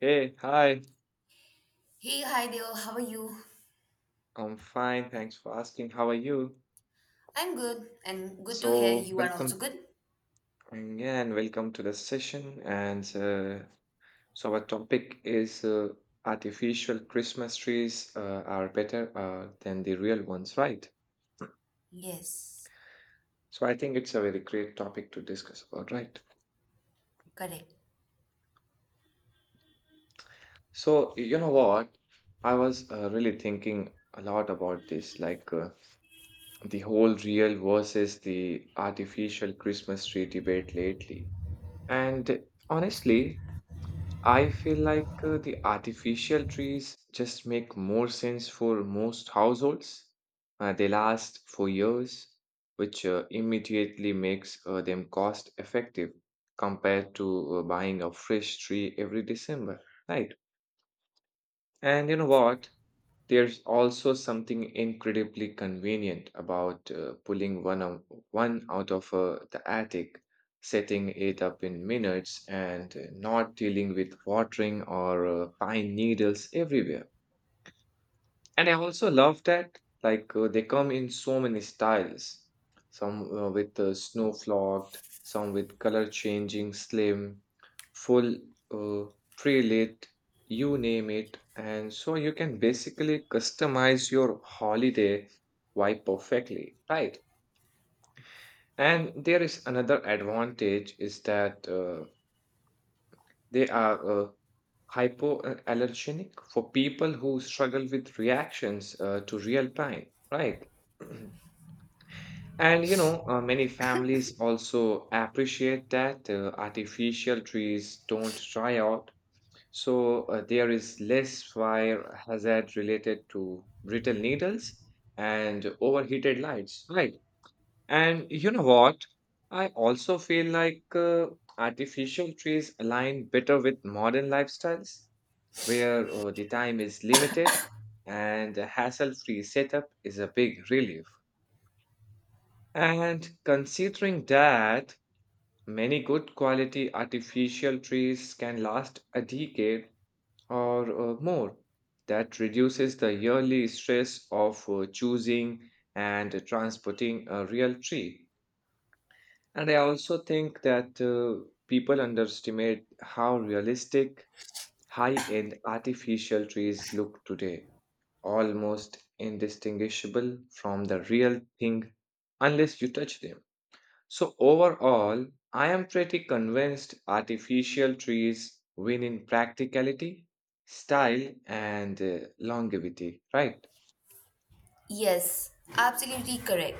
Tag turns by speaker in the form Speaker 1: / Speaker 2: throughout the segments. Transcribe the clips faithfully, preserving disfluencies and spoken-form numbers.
Speaker 1: Hey, hi.
Speaker 2: Hey, hi there, how are you?
Speaker 1: I'm fine. Thanks for asking. How are you?
Speaker 2: I'm good, and good to hear
Speaker 1: So,
Speaker 2: you are also
Speaker 1: welcome
Speaker 2: good.
Speaker 1: mm, yeah, and Welcome to the session. And uh, so, our topic is uh, artificial Christmas trees uh, are better uh, than the real ones, right?
Speaker 2: Yes,
Speaker 1: So, I think it's a very great topic to discuss about, right?
Speaker 2: correct.
Speaker 1: So, you know what? I was uh, really thinking a lot about this, like uh, the whole real versus the artificial Christmas tree debate lately. And honestly, I feel like uh, the artificial trees just make more sense for most households. Uh, they last for years, which uh, immediately makes uh, them cost effective compared to uh, buying a fresh tree every December, right? And you know what? There's also something incredibly convenient about uh, pulling one, out- one out of uh, the attic, setting it up in minutes, and uh, not dealing with watering or uh, pine needles everywhere. And I also love that, like, uh, they come in so many styles. Some uh, with uh, snow flocked, some with color changing, slim, full, uh, pre-lit, you name it. And so you can basically customize your holiday vibe perfectly, right? And there is another advantage is that uh, they are uh, hypoallergenic for people who struggle with reactions uh, to real time, right? and you know, uh, many families also appreciate that uh, artificial trees don't dry out, so uh, there is less fire hazard related to brittle needles and overheated lights, right? And you know what? I also feel like uh, artificial trees align better with modern lifestyles where uh, the time is limited and a hassle free setup is a big relief. And considering that many good quality artificial trees can last a decade or uh, more, that reduces the yearly stress of uh, choosing and transporting a real tree. And I also think that uh, people underestimate how realistic high end artificial trees look today almost indistinguishable from the real thing unless you touch them. So, overall, I am pretty convinced artificial trees win in practicality, style, and uh, longevity, right?
Speaker 2: Yes, absolutely correct.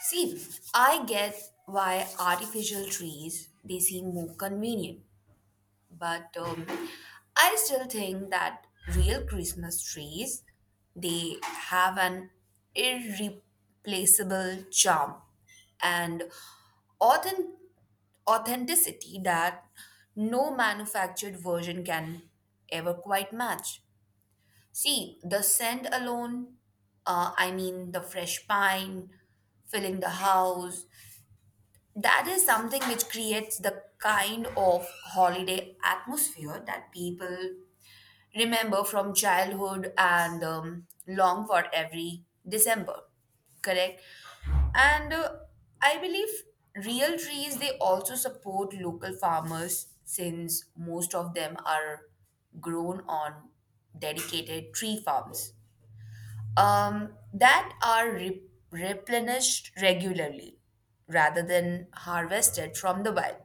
Speaker 2: See, I get why artificial trees they seem more convenient, but um, I still think that real Christmas trees they have an irreplaceable charm and authenticity authenticity that no manufactured version can ever quite match. See, the scent alone, uh, I mean, the fresh pine filling the house, that is something which creates the kind of holiday atmosphere that people remember from childhood and um, long for every December, correct? And uh, I believe real trees they also support local farmers since most of them are grown on dedicated tree farms um, that are re- replenished regularly rather than harvested from the wild.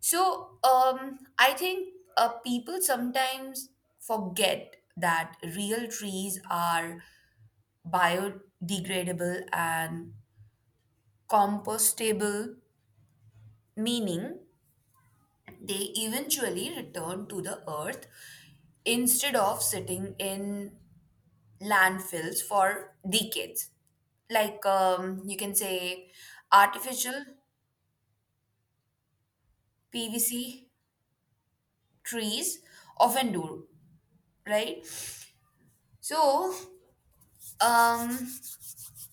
Speaker 2: So um, I think uh, people sometimes forget that real trees are biodegradable and compostable, meaning they eventually return to the earth instead of sitting in landfills for decades. Like um, you can say, artificial P V C trees often do, right? So, um,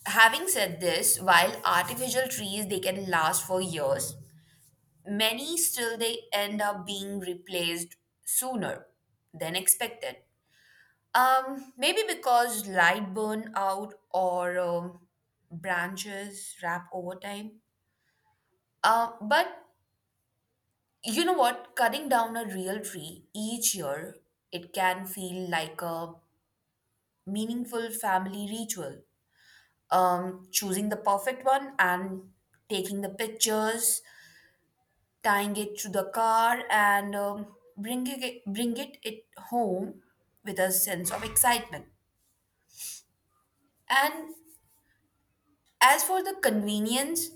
Speaker 2: Having said this, while artificial trees they can last for years, many still they end up being replaced sooner than expected. Um, maybe because light burn out or um, branches wrap over time. Uh, but you know what? Cutting down a real tree each year, it can feel like a meaningful family ritual. Um, choosing the perfect one and taking the pictures tying it to the car and um, bringing it, bring it, it home with a sense of excitement. And as for the convenience,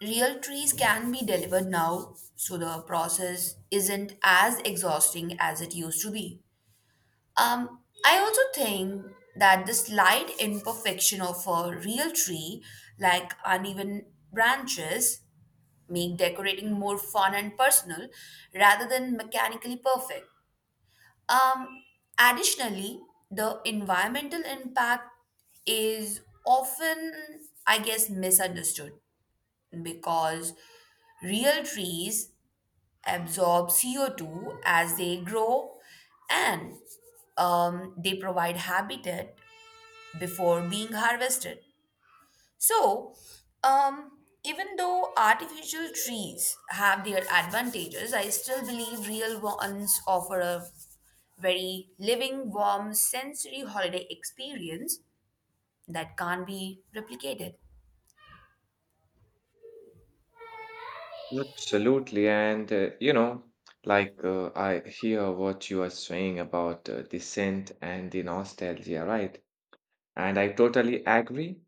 Speaker 2: real trees can be delivered now, so the process isn't as exhausting as it used to be. Um, I also think that the slight imperfection of a real tree, like uneven branches, make decorating more fun and personal rather than mechanically perfect. Um, additionally, the environmental impact is often, I guess, misunderstood because real trees absorb C O two as they grow and um, they provide habitat before being harvested. So, um, even though artificial trees have their advantages, I still believe real ones offer a very living, warm, sensory holiday experience that can't be replicated.
Speaker 1: Absolutely. And, uh, you know, like uh, I hear what you are saying about uh, the scent and the nostalgia, right? And I totally agree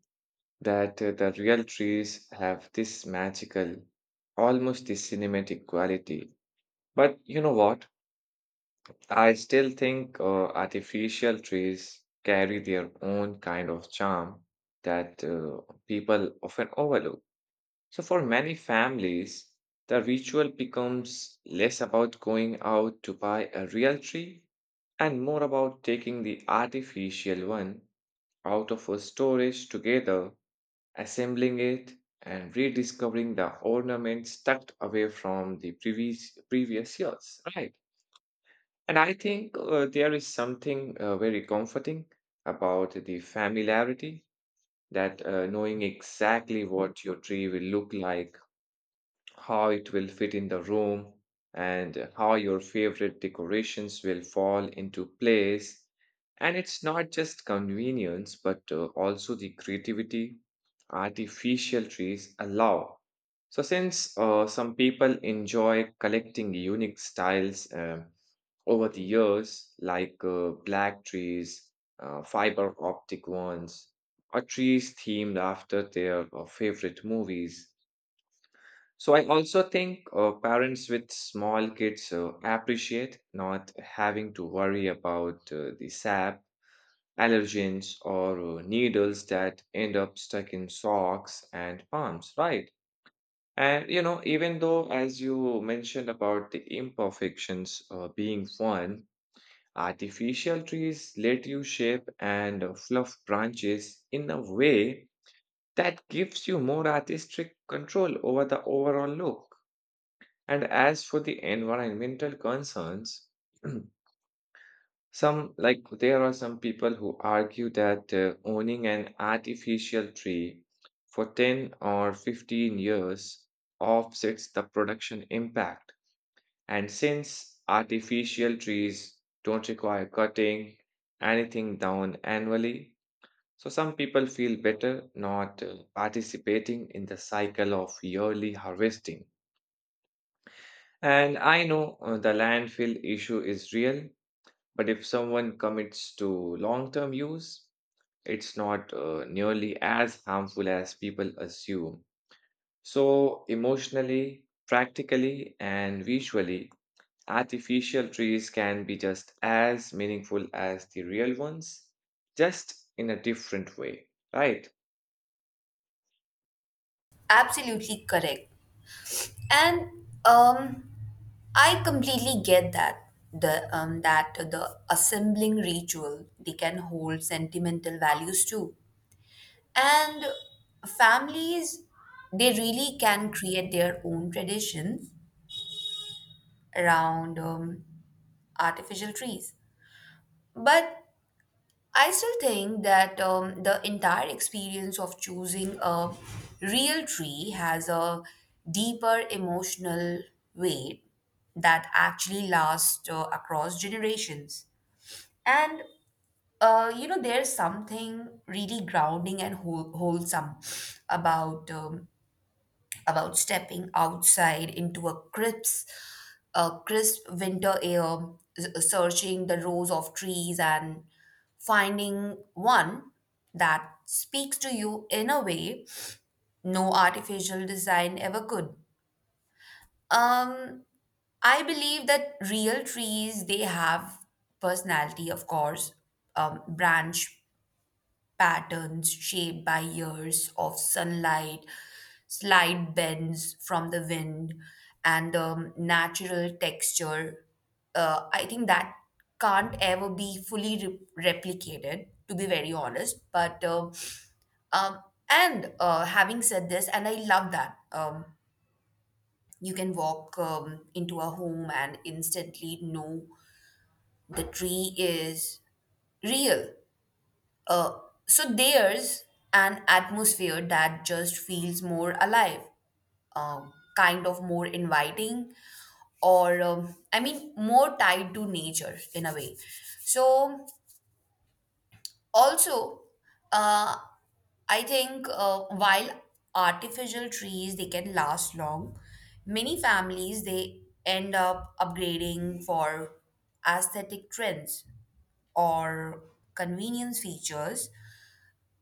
Speaker 1: that uh, the real trees have this magical, almost this cinematic quality. But you know what? I still think uh, artificial trees carry their own kind of charm that uh, people often overlook. So, for many families, the ritual becomes less about going out to buy a real tree and more about taking the artificial one out of a storage together assembling it, and rediscovering the ornaments tucked away from the previous previous years. Right. And I think uh, there is something uh, very comforting about the familiarity that uh, knowing exactly what your tree will look like how it will fit in the room, and how your favorite decorations will fall into place. And it's not just convenience, but uh, also the creativity artificial trees allow. So, since uh, some people enjoy collecting unique styles um, over the years, like uh, black trees, uh, fiber optic ones, or trees themed after their uh, favorite movies, so I also think uh, parents with small kids uh, appreciate not having to worry about uh, the sap, allergens, or uh, needles that end up stuck in socks and palms, right? And you know, even though, as you mentioned about the imperfections uh, being fun, artificial trees let you shape and uh, fluff branches in a way that gives you more artistic control over the overall look. And as for the environmental concerns, some like there are some people who argue that uh, owning an artificial tree for ten or fifteen years offsets the production impact. And since artificial trees don't require cutting anything down annually, so some people feel better not uh, participating in the cycle of yearly harvesting. And I know uh, the landfill issue is real, but if someone commits to long term use, it's not uh, nearly as harmful as people assume. So, emotionally, practically, and visually, artificial trees can be just as meaningful as the real ones, just in a different way, right?
Speaker 2: Absolutely correct. And um, I completely get that the um, that the assembling ritual they can hold sentimental values too. And families, they really can create their own traditions around um, artificial trees. But I still think that um, the entire experience of choosing a real tree has a deeper emotional weight that actually lasts uh, across generations. And uh, you know, there's something really grounding and whole- wholesome about um, about stepping outside into a crisp, a crisp winter air, s- searching the rows of trees and finding one that speaks to you in a way no artificial design ever could. Um, I believe that real trees they have personality, of course, um, branch patterns shaped by years of sunlight, slight bends from the wind, and the natural texture. Uh, I think that can't ever be fully re- replicated, to be very honest. But um, um, and uh, having said this, and I love that um, you can walk um, into a home and instantly know the tree is real. Uh, so there's an atmosphere that just feels more alive, um, kind of more inviting, or um, I mean, more tied to nature in a way. So, also, uh, I think uh, while artificial trees they can last long, many families they end up upgrading for aesthetic trends or convenience features.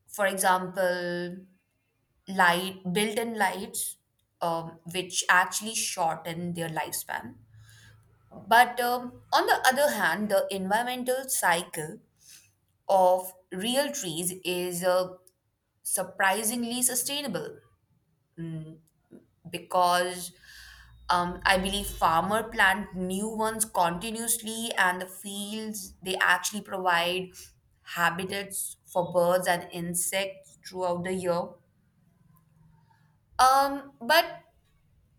Speaker 2: For example, light built-in lights um, which actually shorten their lifespan. But um, on the other hand, the environmental cycle of real trees is uh, surprisingly sustainable because um, I believe farmer plant new ones continuously and the fields they actually provide habitats for birds and insects throughout the year. Um, but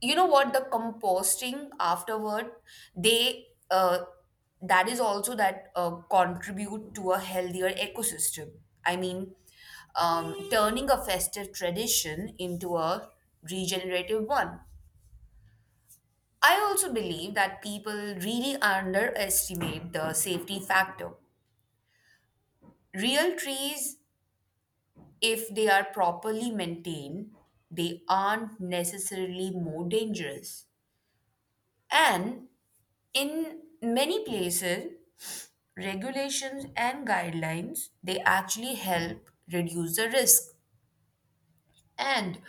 Speaker 2: you know what, the composting afterward they uh, that is also that uh, contribute to a healthier ecosystem. I mean, um, turning a festive tradition into a regenerative one. I also believe that people really underestimate the safety factor. Real trees, if they are properly maintained, they aren't necessarily more dangerous, and in many places regulations and guidelines they actually help reduce the risk. and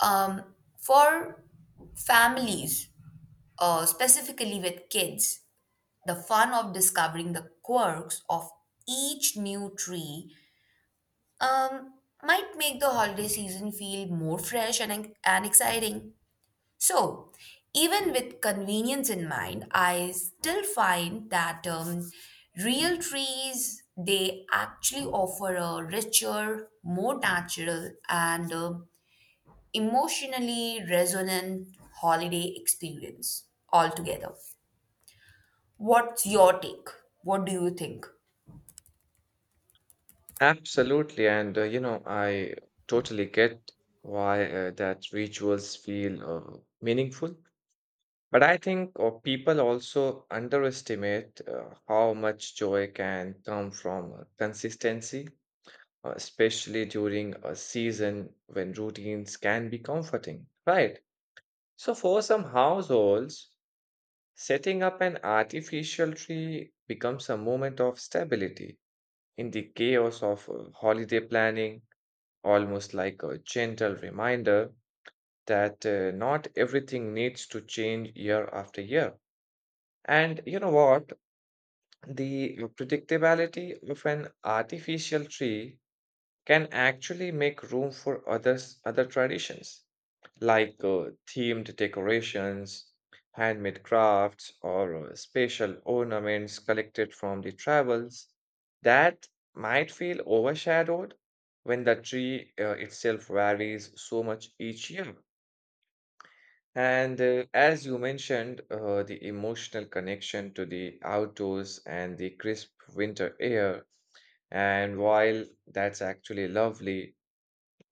Speaker 2: um, for families, uh, specifically with kids, the fun of discovering the quirks of each new tree um, might make the holiday season feel more fresh and, and exciting. So, even with convenience in mind, I still find that um, real trees they actually offer a richer, more natural, and um emotionally resonant holiday experience altogether. What's your take? What do you think?
Speaker 1: Absolutely. And, uh, you know, I totally get why uh, that rituals feel uh, meaningful. But I think uh, people also underestimate uh, how much joy can come from uh, consistency, uh, especially during a season when routines can be comforting, right? So, for some households, setting up an artificial tree becomes a moment of stability in the chaos of uh, holiday planning, almost like a gentle reminder that uh, not everything needs to change year after year. And you know what? The predictability of an artificial tree can actually make room for others, other traditions, like uh, themed decorations, handmade crafts, or uh, special ornaments collected from the travels that might feel overshadowed when the tree uh, itself varies so much each year. And uh, as you mentioned, uh, the emotional connection to the outdoors and the crisp winter air and while that's actually lovely,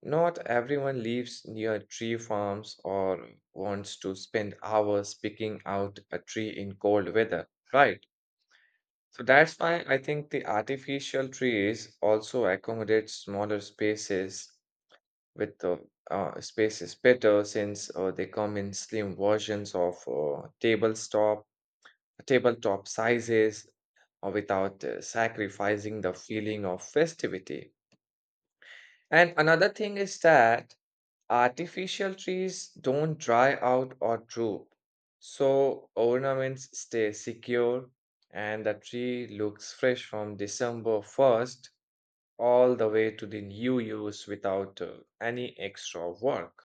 Speaker 1: not everyone lives near tree farms or wants to spend hours picking out a tree in cold weather, right? So that's why I think the artificial trees also accommodate smaller spaces with the uh, spaces better since uh, they come in slim versions of uh, tabletop tabletop sizes or without uh, sacrificing the feeling of festivity. And another thing is that artificial trees don't dry out or droop. So ornaments stay secure and the tree looks fresh from December first all the way to the new use without uh, any extra work.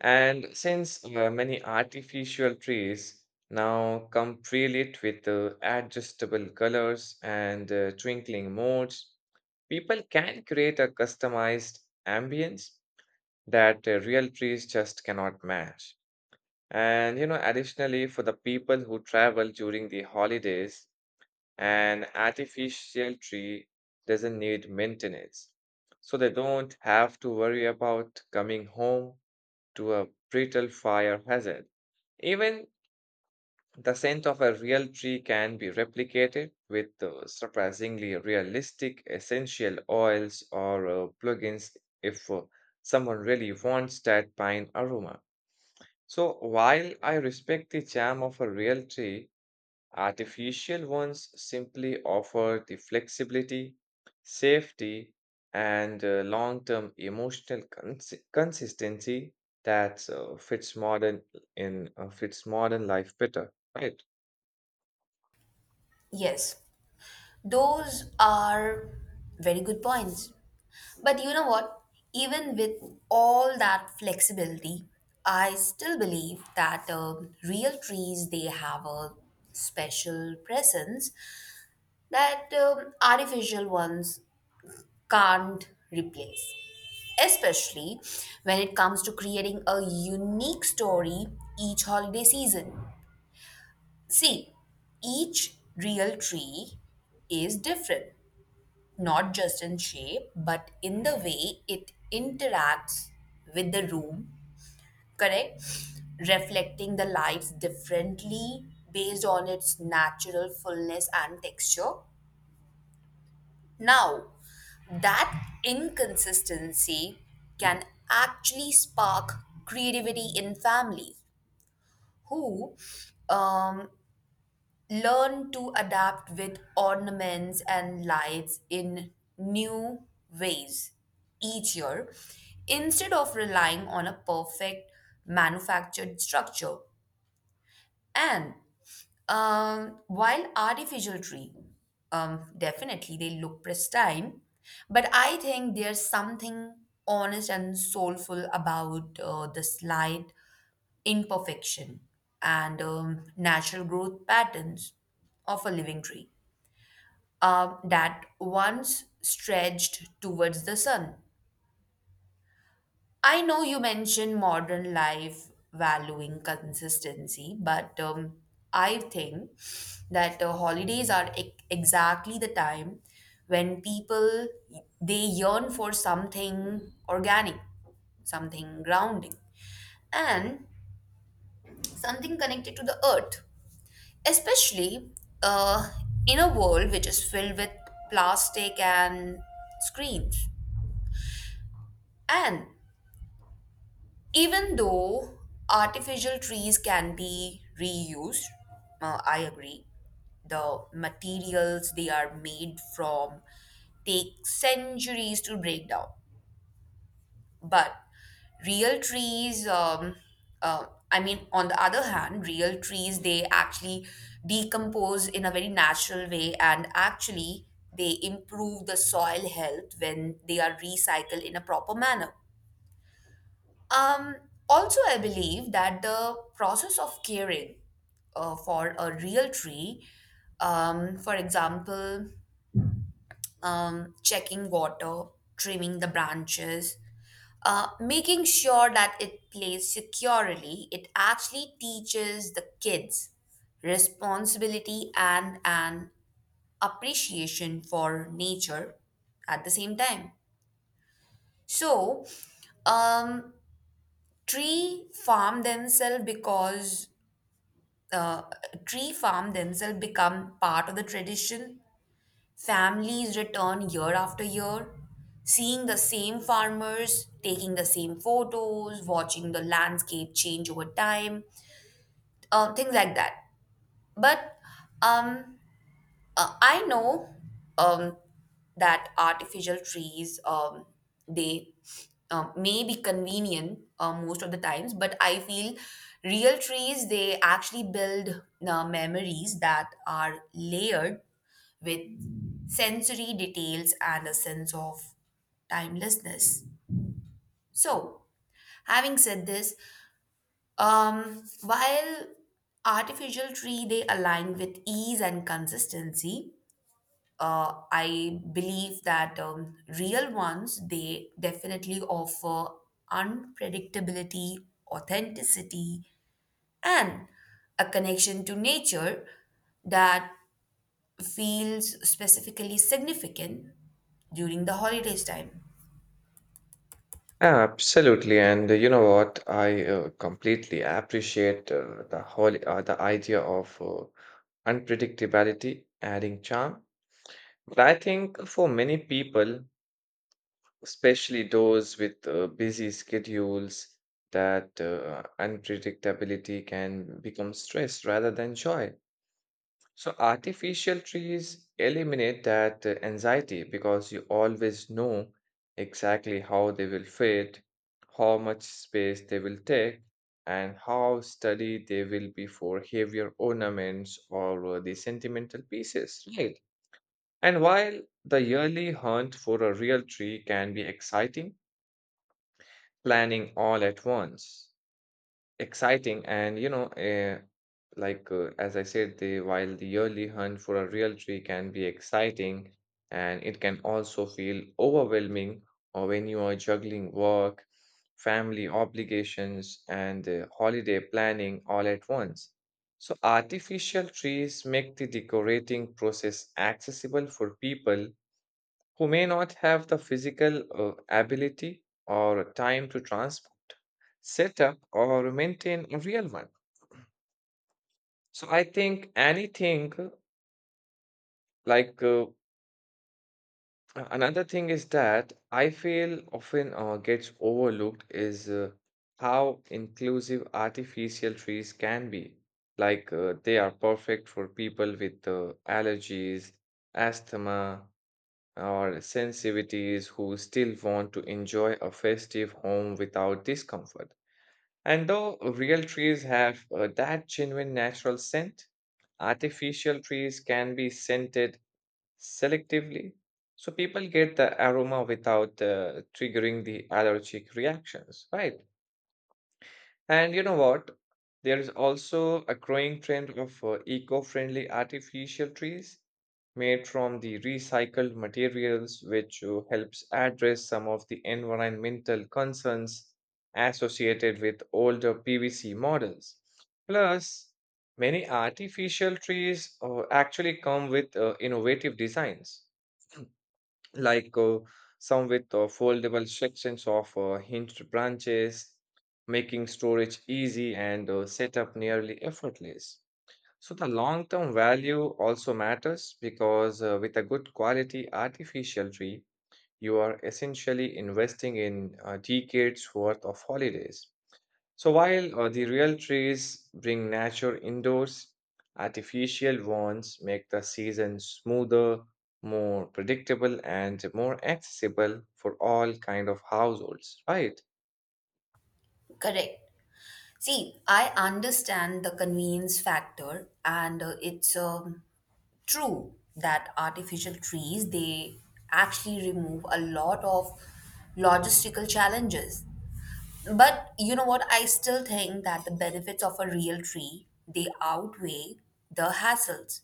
Speaker 1: And since uh, many artificial trees now come pre-lit with uh, adjustable colors and uh, twinkling modes, people can create a customized ambience that uh, real trees just cannot match. And you know, additionally, for the people who travel during the holidays, an artificial tree doesn't need maintenance. So they don't have to worry about coming home to a brittle fire hazard. Even the scent of a real tree can be replicated with uh, surprisingly realistic essential oils or uh, plugins if uh, someone really wants that pine aroma. So while I respect the charm of a real tree, artificial ones simply offer the flexibility, safety, and uh, long-term emotional cons- consistency that uh, fits modern in uh, fits modern life better, right?
Speaker 2: Yes. Those are very good points. But you know what? Even with all that flexibility, I still believe that um, real trees they have a special presence that um, artificial ones can't replace. Especially when it comes to creating a unique story each holiday season. See, each real tree is different not just in shape, but in the way it interacts with the room, correct? Reflecting the lights differently based on its natural fullness and texture. Now, that inconsistency can actually spark creativity in families who um, learn to adapt with ornaments and lights in new ways each year instead of relying on a perfect manufactured structure. And um, while artificial tree um, definitely they look pristine, but I think there's something honest and soulful about uh, the slight imperfection and um, natural growth patterns of a living tree uh, that once stretched towards the sun. I know you mentioned modern life valuing consistency, but um, I think that uh, holidays are e- exactly the time when people they yearn for something organic, something grounding, and something connected to the earth. Especially uh, in a world which is filled with plastic and screens. And even though artificial trees can be reused, uh, I agree, the materials they are made from take centuries to break down. But real trees, um, uh, I mean, on the other hand, real trees they actually decompose in a very natural way and actually they improve the soil health when they are recycled in a proper manner. Um, Also, I believe that the process of caring uh, for a real tree, um, for example, um, checking water, trimming the branches, uh, making sure that it plays securely, it actually teaches the kids responsibility and an appreciation for nature at the same time. So, um, tree farm themselves because uh, tree farm themselves become part of the tradition. Families return year after year, seeing the same farmers, taking the same photos, watching the landscape change over time, uh, things like that. But um, uh, I know um, that artificial trees um, they um, may be convenient uh, most of the times, but I feel real trees they actually build uh, memories that are layered with sensory details and a sense of timelessness. So, having said this, um, while artificial tree they align with ease and consistency, uh, I believe that um, real ones they definitely offer unpredictability, authenticity, and a connection to nature that feels specifically significant during the holidays time.
Speaker 1: Absolutely, and uh, you know what? I uh, completely appreciate uh, the whole uh, the idea of uh, unpredictability adding charm. But I think for many people, especially those with uh, busy schedules, that uh, unpredictability can become stress rather than joy. So, artificial trees eliminate that uh, anxiety because you always know exactly how they will fit, how much space they will take, and how sturdy they will be for heavier ornaments or uh, the sentimental pieces. Right. And while the yearly hunt for a real tree can be exciting, planning all at once. Exciting and you know, uh, like uh, as I said, the while the yearly hunt for a real tree can be exciting, and it can also feel overwhelming or when you are juggling work, family obligations, and uh, holiday planning all at once. So artificial trees make the decorating process accessible for people who may not have the physical uh, ability or time to transplant set up or maintain a real one. So I think anything like uh, Another thing is that I feel often uh, gets overlooked is uh, how inclusive artificial trees can be. Like uh, they are perfect for people with uh, allergies, asthma, or sensitivities who still want to enjoy a festive home without discomfort. And though real trees have uh, that genuine natural scent, artificial trees can be scented selectively. So people get the aroma without uh, triggering the allergic reactions, right? And you know what? There is also a growing trend of uh, eco-friendly artificial trees made from the recycled materials, which uh, helps address some of the environmental concerns associated with older P V C models. Plus, many artificial trees uh, actually come with uh, innovative designs like uh, some with uh, foldable sections of uh, hinged branches, making storage easy and uh, setup nearly effortless. So, the long term value also matters because uh, with a good quality artificial tree, you are essentially investing in uh, decades worth of holidays. So while uh, the real trees bring nature indoors, artificial ones make the season smoother, more predictable, and more accessible for all kind of households, right?
Speaker 2: Correct. See, I understand the convenience factor and uh, it's um true that artificial trees, they actually remove a lot of logistical challenges. But you know what? I still think that the benefits of a real tree, they outweigh the hassles.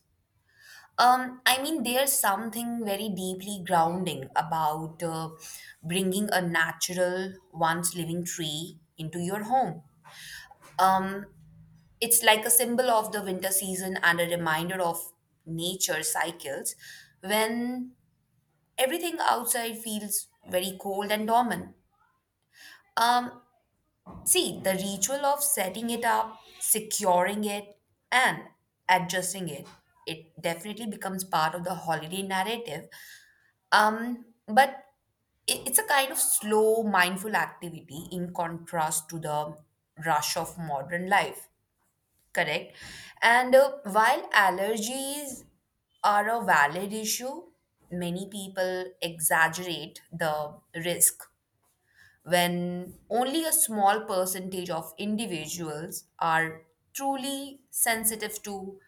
Speaker 2: Um, I mean, there's something very deeply grounding about uh, bringing a natural, once living tree into your home. Um, it's like a symbol of the winter season and a reminder of nature cycles when everything outside feels very cold and dormant. Um, see, the ritual of setting it up, securing it, and adjusting it, it definitely becomes part of the holiday narrative. Um, but it- it's a kind of slow, mindful activity in contrast to the rush of modern life. Correct. And uh, while allergies are a valid issue, many people exaggerate the risk when only a small percentage of individuals are truly sensitive to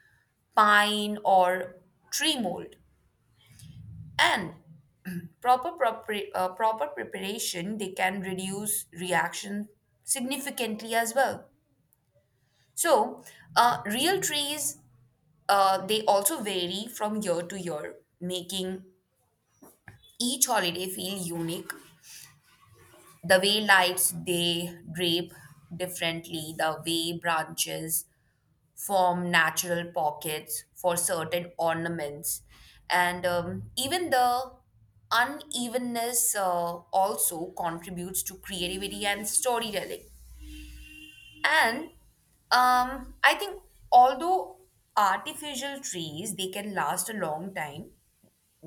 Speaker 2: pine or tree mold. And proper, proper uh, proper preparation, they can reduce reaction significantly as well. So, uh, real trees, Uh, they also vary from year to year, making each holiday feel unique. The way lights they drape differently, the way branches form natural pockets for certain ornaments, and um, even the unevenness uh, also contributes to creativity and storytelling. And um, I think although artificial trees they can last a long time,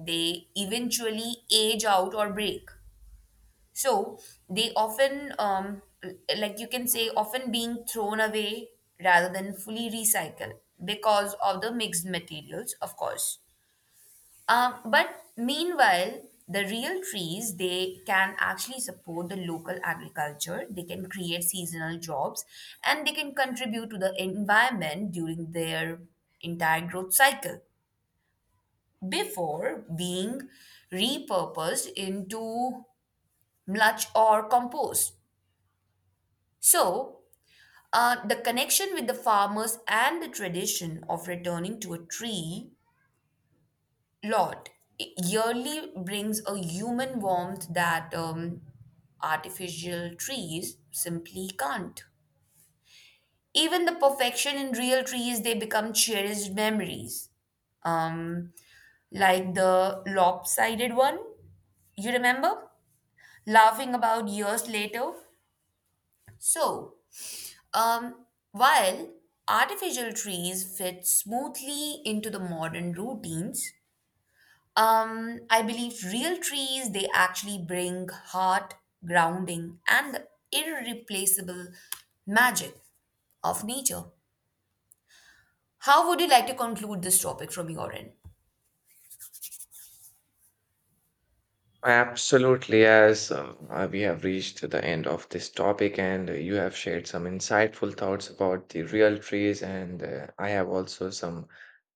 Speaker 2: they eventually age out or break. So they often, um, like you can say, often being thrown away rather than fully recycled because of the mixed materials, of course. Um, but meanwhile, the real trees they can actually support the local agriculture. They can create seasonal jobs, and they can contribute to the environment during their entire growth cycle before being repurposed into mulch or compost. So, uh, the connection with the farmers and the tradition of returning to a tree lot yearly brings a human warmth that um, artificial trees simply can't. Even the perfection in real trees, they become cherished memories. Um, like the lopsided one, you remember? Laughing about years later. So, um, while artificial trees fit smoothly into the modern routines, um, I believe real trees they actually bring heart, grounding, and the irreplaceable magic of nature. How would you like to conclude this topic from your end?
Speaker 1: Absolutely, as uh, uh, we have reached the end of this topic, and uh, you have shared some insightful thoughts about the real trees, and uh, I have also some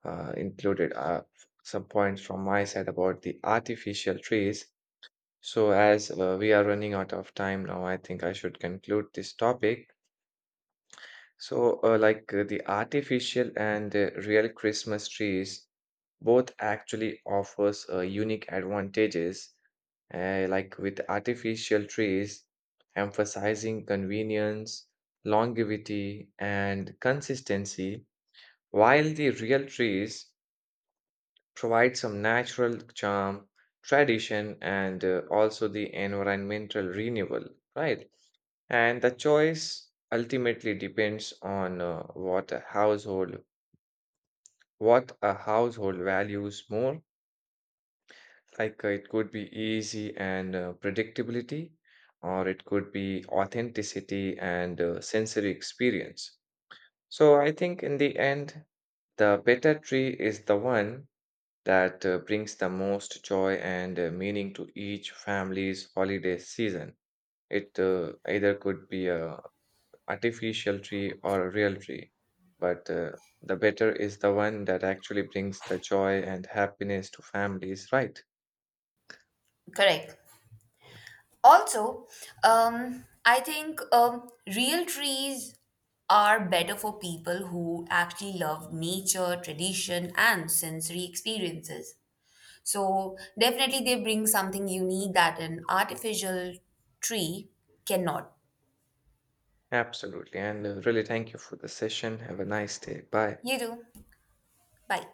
Speaker 1: uh, included uh, some points from my side about the artificial trees. So, as uh, we are running out of time now, I think I should conclude this topic. So, uh, like uh, the artificial and the real Christmas trees both actually offers uh, unique advantages. Uh, like with artificial trees, emphasizing convenience, longevity, and consistency, while the real trees provide some natural charm, tradition, and uh, also the environmental renewal, right? And the choice ultimately depends on uh, what a household what a household values more. Like uh, it could be easy and uh, predictability, or it could be authenticity and uh, sensory experience. So I think in the end, the better tree is the one that uh, brings the most joy and uh, meaning to each family's holiday season. It uh, either could be a artificial tree or a real tree, but uh, the better is the one that actually brings the joy and happiness to families, right?
Speaker 2: Correct. Also, um, I think um, real trees are better for people who actually love nature, tradition, and sensory experiences. So, definitely, they bring something unique that an artificial tree cannot.
Speaker 1: Absolutely. And uh, really, thank you for the session. Have a nice day. Bye.
Speaker 2: You do. Bye.